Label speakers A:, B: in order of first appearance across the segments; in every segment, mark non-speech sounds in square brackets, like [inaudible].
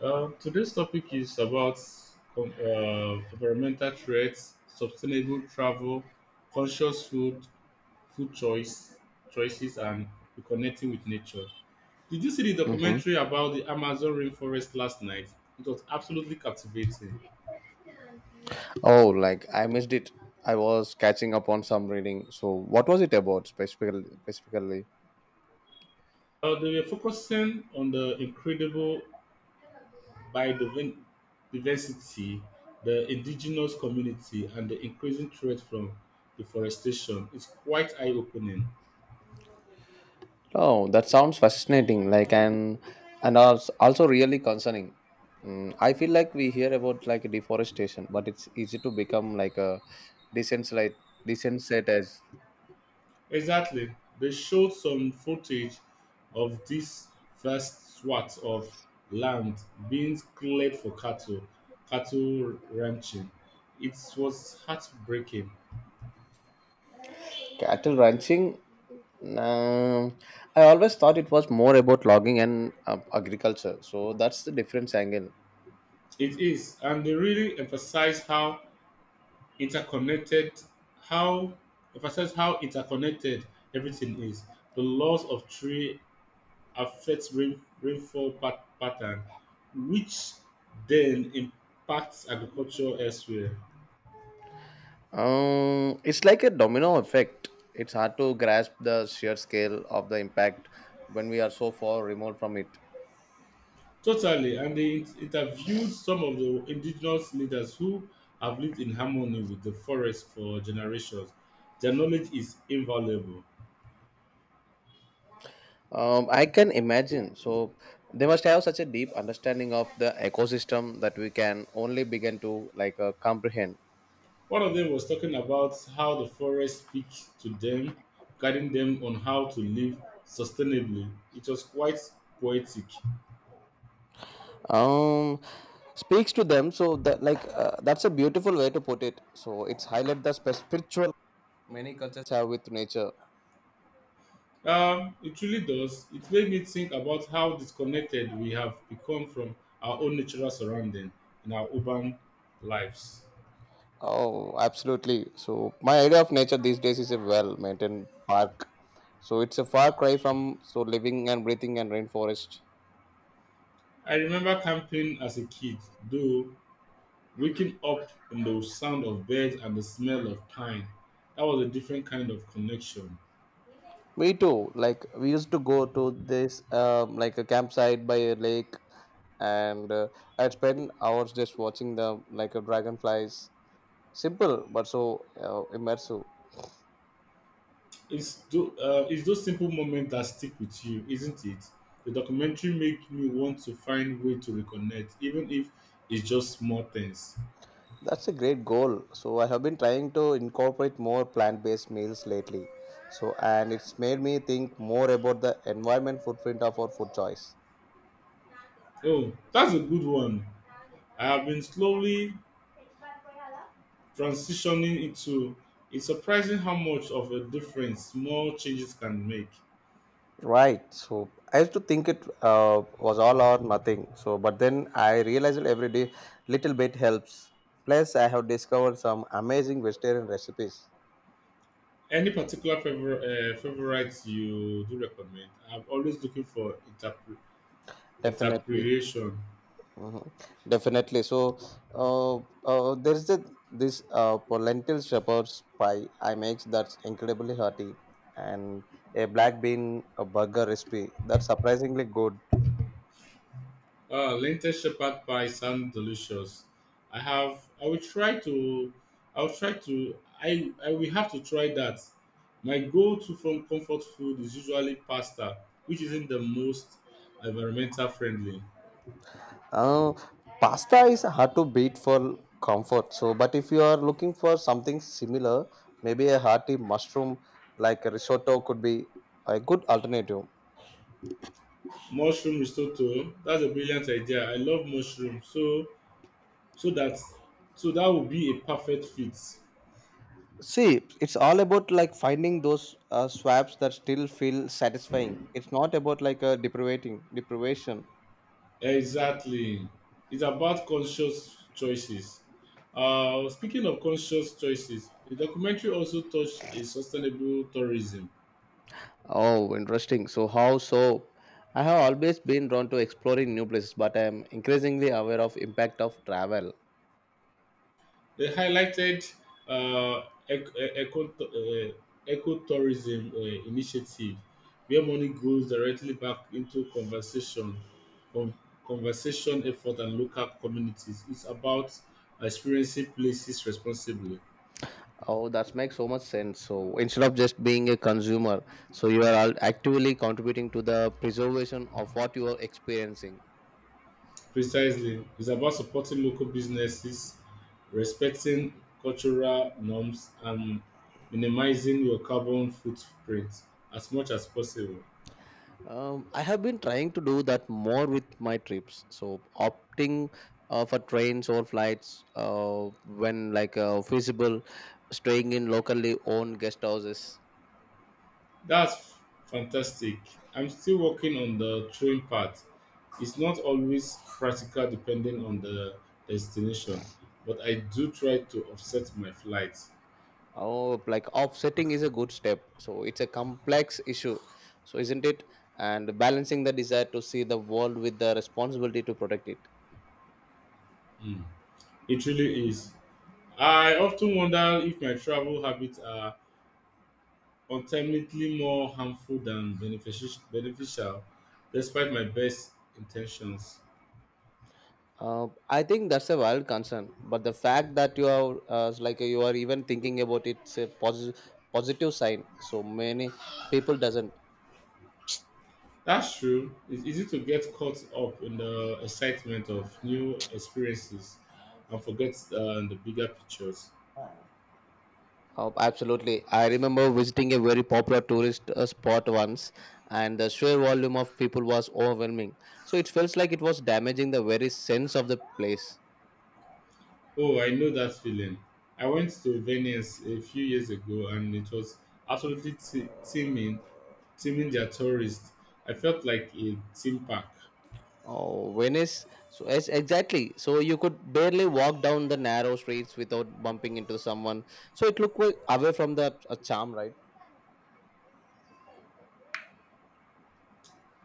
A: Today's topic is about environmental threats, sustainable travel, conscious food, food choices, and reconnecting with nature. Did you see the
B: Mm-hmm.
A: documentary about the Amazon rainforest last night? It was absolutely captivating.
B: Oh, like I missed it. I was catching up on some reading. So, what was it about specifically? Specifically,
A: They were focusing on the incredible biodiversity, the indigenous community, and the increasing threat from deforestation. It's quite eye-opening.
B: oh, that sounds fascinating. Like and also really concerning. Mm, I feel like we hear about like deforestation, but it's easy to become like a desensitized, desensitized as
A: Exactly. They showed some footage of this vast swath of land being cleared for cattle ranching. It was heartbreaking.
B: cattle ranching. Nah, I always thought it was more about logging and agriculture. So that's the difference angle.
A: It is, and they really interconnected, how emphasize how interconnected everything is. The loss of tree affects rainfall pattern, which then impacts agriculture elsewhere.
B: It's like a domino effect. It's hard to grasp the sheer scale of the impact when we are so far removed from it.
A: Totally, and they interviewed some of the indigenous leaders who have lived in harmony with the forest for generations. Their knowledge is invaluable.
B: I can imagine. So they must have such a deep understanding of the ecosystem that we can only begin to like comprehend.
A: One of them was talking about how the forest speaks to them, guiding them on how to live sustainably. It was quite poetic.
B: Um, Speaks to them. So that like that's a beautiful way to put it. So it's highlight the spiritual many cultures have with nature.
A: It really does. It made me think about how disconnected we have become from our own natural surrounding in our urban lives.
B: Oh, absolutely. So my idea of nature these days is a well-maintained park. So it's a far cry from so living and breathing and rainforest.
A: I remember camping as a kid, though, waking up in the sound of birds and the smell of pine. That was a different kind of connection.
B: Me too. Like we used to go to this like a campsite by a lake, and I'd spend hours just watching the like a dragonflies. Simple but so immersive.
A: It's those simple moments that stick with you, isn't it? The documentary made me want to find way to reconnect, even if it's just small things.
B: That's a great goal. So I have been trying to incorporate more plant-based meals lately. So and it's made me think more about the environment footprint of our food choice.
A: Oh, that's a good one. I have been slowly transitioning into. It's surprising how much of a difference small changes can make.
B: Right. So I used to think it was all or nothing. So but then I realized that every day little bit helps. Plus I have discovered some amazing vegetarian recipes.
A: Any particular favorite you do recommend? I'm always looking for
B: Definitely.
A: interpretation.
B: Mhm. Definitely. So uh, there's this for lentil shepherd's pie I make that's incredibly hearty, and a black bean a burger recipe that's surprisingly good.
A: Ah, lentil shepherd pie sound delicious. I have. I will try to. I will try to. I will have to try that. My go-to from comfort food is usually pasta, which isn't the most environmental friendly.
B: Uh, Pasta is hard to beat for comfort. So, but if you are looking for something similar, maybe a hearty mushroom like a risotto could be a good alternative.
A: Mushroom risotto. That's a brilliant idea. I love mushrooms, so that so that would be a perfect fit.
B: See, it's all about like finding those swaps that still feel satisfying. It's not about like a deprivating deprivation.
A: Exactly. It's about conscious choices. Speaking of conscious choices, the documentary also touched a sustainable tourism.
B: Oh, interesting. So how so? I have always been drawn to exploring new places, but I am increasingly aware of impact of travel.
A: They highlighted uh, ec- e- eco- uh, ecotourism initiative, where money goes directly back into conversation, con- conversation effort, and local communities. It's about experiencing places responsibly.
B: Oh, that makes so much sense. So instead of just being a consumer, so you are actively contributing to the preservation of what you are experiencing.
A: Precisely. It's about supporting local businesses, respecting cultural norms, and minimizing your carbon footprint as much as possible.
B: I have been trying to do that more with my trips. So opting for trains or flights when like feasible, staying in locally owned guest houses.
A: That's fantastic. I'm still working on the train part. It's not always practical depending on the destination, but I do try to offset my flights.
B: Oh, like offsetting is a good step. So it's a complex issue, so isn't it? And balancing the desire to see the world with the responsibility to protect it.
A: Mm. It really is. I often wonder if my travel habits are ultimately more harmful than beneficial despite my best intentions.
B: I think that's a valid concern, but the fact that you are like you are even thinking about it's a positive sign. So many people doesn't.
A: That's true. It's easy to get caught up in the excitement of new experiences and forget the bigger pictures.
B: Absolutely, I remember visiting a very popular tourist spot once, and the sheer volume of people was overwhelming. So it felt like it was damaging the very sense of the place.
A: Oh, I know that feeling. I went to Venice a few years ago and it was absolutely teeming their tourists. I felt like a theme park.
B: Oh, Venice. So yes, exactly. So you could barely walk down the narrow streets without bumping into someone. So it looked like away from the charm, right?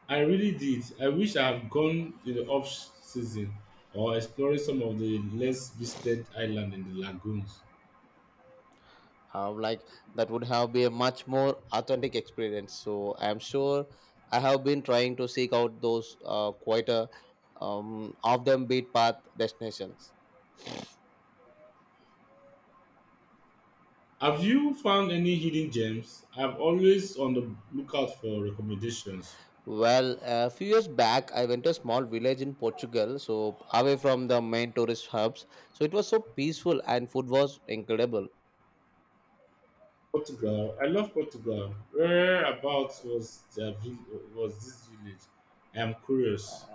A: I really did. I wish I have gone in the off season or exploring some of the less visited islands in the lagoons.
B: Like that would have been a much more authentic experience so I'm sure I have been trying to seek out those quieter off them beat path destinations.
A: Have you found any hidden gems? I'm always on the lookout for recommendations.
B: Well a few years back I went to a small village in Portugal, so away from the main tourist hubs, so it was so peaceful and food was incredible.
A: Portugal. I love Portugal. Whereabouts was the vill- was this village? I am curious.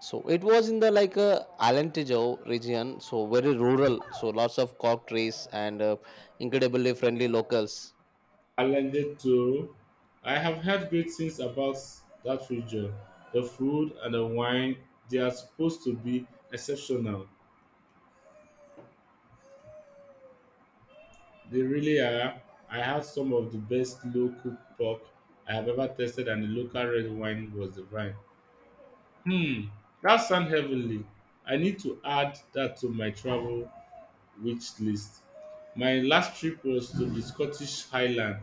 B: So it was in the like Alentejo region, so very rural, so lots of cork trees and incredibly friendly locals.
A: Alendeto. I have heard great things about that region. The food and the wine, they are supposed to be exceptional. They really are. I had some of the best low-cooked pork I have ever tasted, and the local red wine was divine. Hmm, that sounds heavenly. I need to add that to my travel wish list. My last trip was to the Scottish Highland,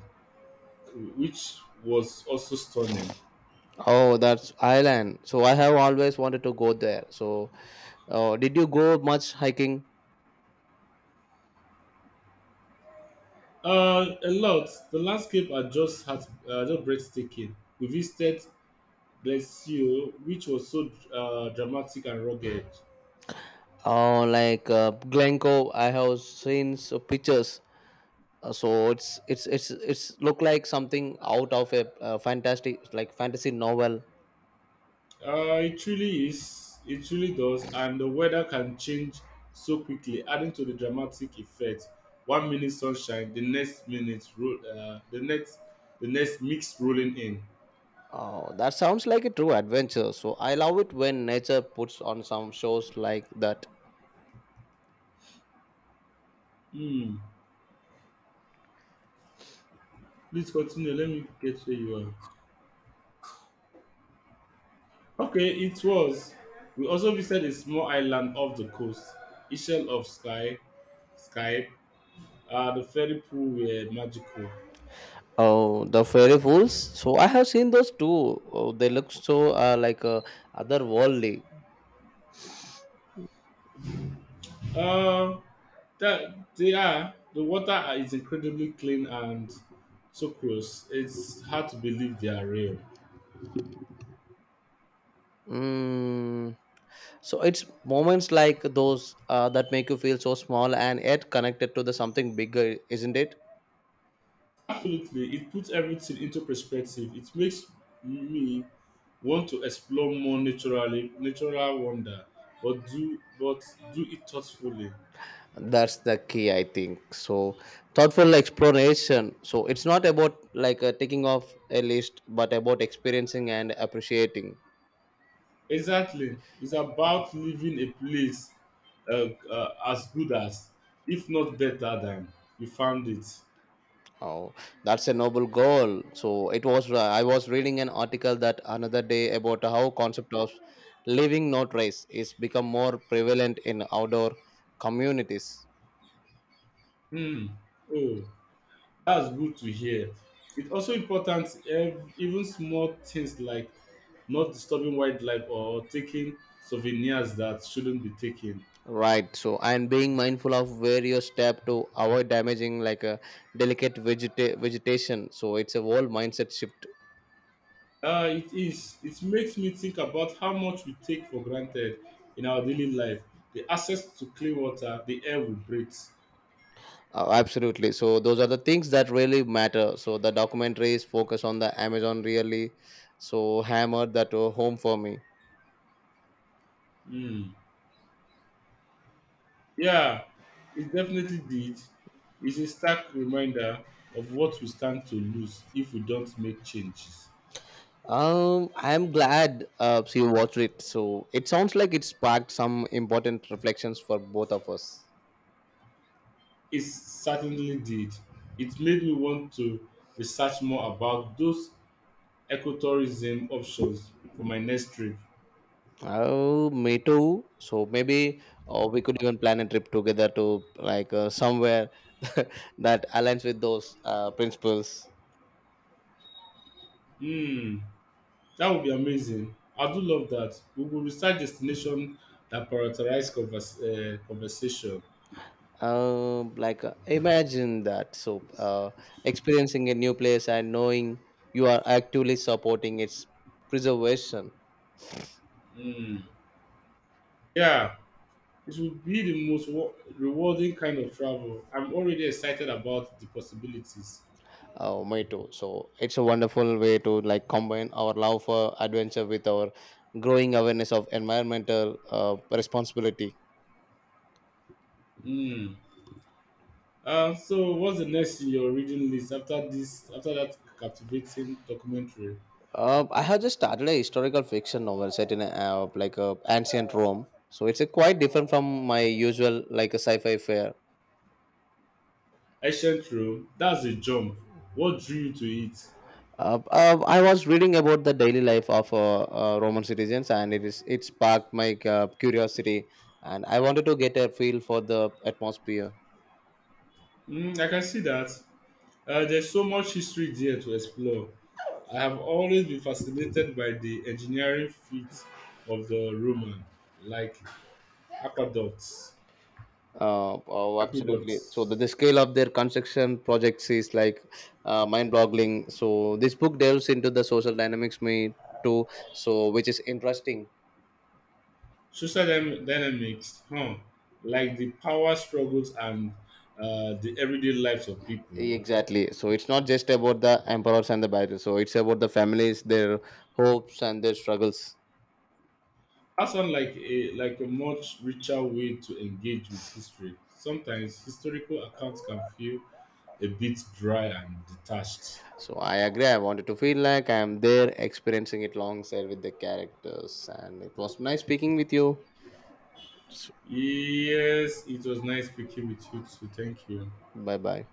A: which was also stunning.
B: Oh, that's Ireland. So I have always wanted to go there. So, did you go much hiking?
A: A lot. The landscape are just just breathtaking. We visited Glasgow, which was so dramatic and rugged.
B: Oh, like Glencoe, I have seen so pictures. So it's look like something out of a fantastic like fantasy novel.
A: It truly is. It truly does. And the weather can change so quickly, adding to the dramatic effect. One minute sunshine, the next minute, ro- the next mix rolling in.
B: Oh, that sounds like a true adventure. So I love it when nature puts on some shows like that.
A: Hmm. Please continue. Let me get where you are. Okay, it was. We also visited a small island off the coast, Ishel of Sky, Skype. The ferry pool were magical.
B: Oh, the fairy fools. So I have seen those too. Oh, they look so like otherworldly.
A: Um, that they are The water is incredibly clean and so close. It's hard to believe they are real.
B: Mm, so it's moments like those that make you feel so small and yet connected to the something bigger, isn't it?
A: Absolutely, it puts everything into perspective. It makes me want to explore more natural wonder, but do it thoughtfully.
B: That's the key, I think. So thoughtful exploration. So it's not about like taking off a list, but about experiencing and appreciating.
A: Exactly, it's about leaving a place as good as, if not better than, you found it.
B: Oh, that's a noble goal. So it was. I was reading an article that another day about how concept of living not race is become more prevalent in outdoor communities.
A: Hmm. Oh. That's good to hear. It's also important, even small things like not disturbing wildlife or taking souvenirs that shouldn't be taken.
B: Right. So, and being mindful of where you step to avoid damaging like a delicate vegetation. So, it's a whole mindset shift.
A: It is. It makes me think about how much we take for granted in our daily life. The access to clean water, the air we breathe.
B: Absolutely. So, those are the things that really matter. So, the documentaries focus on the Amazon really. So, hammered that home for me.
A: Hmm. Yeah, it definitely did. It's a stark reminder of what we stand to lose if we don't make changes.
B: I'm glad she watched it. So, it sounds like it sparked some important reflections for both of us.
A: It certainly did. It made me want to research more about those ecotourism options for my next trip.
B: Oh, me too. So maybe we could even plan a trip together to like somewhere [laughs] that aligns with those principles.
A: Hmm, that would be amazing. I do love that. We will research destination that prioritize conversation.
B: Like imagine that. So experiencing a new place and knowing you are actively supporting its preservation.
A: Hmm. Yeah, it would be the most rewarding kind of travel. I'm already excited about the possibilities.
B: Oh, me too. So it's a wonderful way to like combine our love for adventure with our growing awareness of environmental responsibility.
A: Hmm. So, what's the next in your reading list after this? After that captivating documentary?
B: I have just started a historical fiction novel set in a, like a ancient Rome, so it's a quite different from my usual like a sci-fi fare.
A: Ancient Rome, that's a jump. What drew you to it?
B: I was reading about the daily life of Roman citizens, and it sparked my curiosity, and I wanted to get a feel for the atmosphere.
A: Mm, I can see that. There's so much history there to explore. I have always been fascinated by the engineering feats of the Roman, like aqueducts,
B: Oh, absolutely. So
A: aqueducts,
B: the scale of their construction projects is like mind-boggling. So this book delves into the social dynamics me too, so which is interesting.
A: social dynamics, huh? Like the power struggles and the everyday lives of people.
B: Exactly. So it's not just about the emperors and the battles. So it's about the families, their hopes and their struggles.
A: That sounds like a much richer way to engage with history. Sometimes historical accounts can feel a bit dry and detached.
B: So I agree. I wanted to feel like I am there, experiencing it alongside with the characters, and it was nice speaking with you. So,
A: Yes, it was nice speaking with you too. Thank you.
B: bye bye.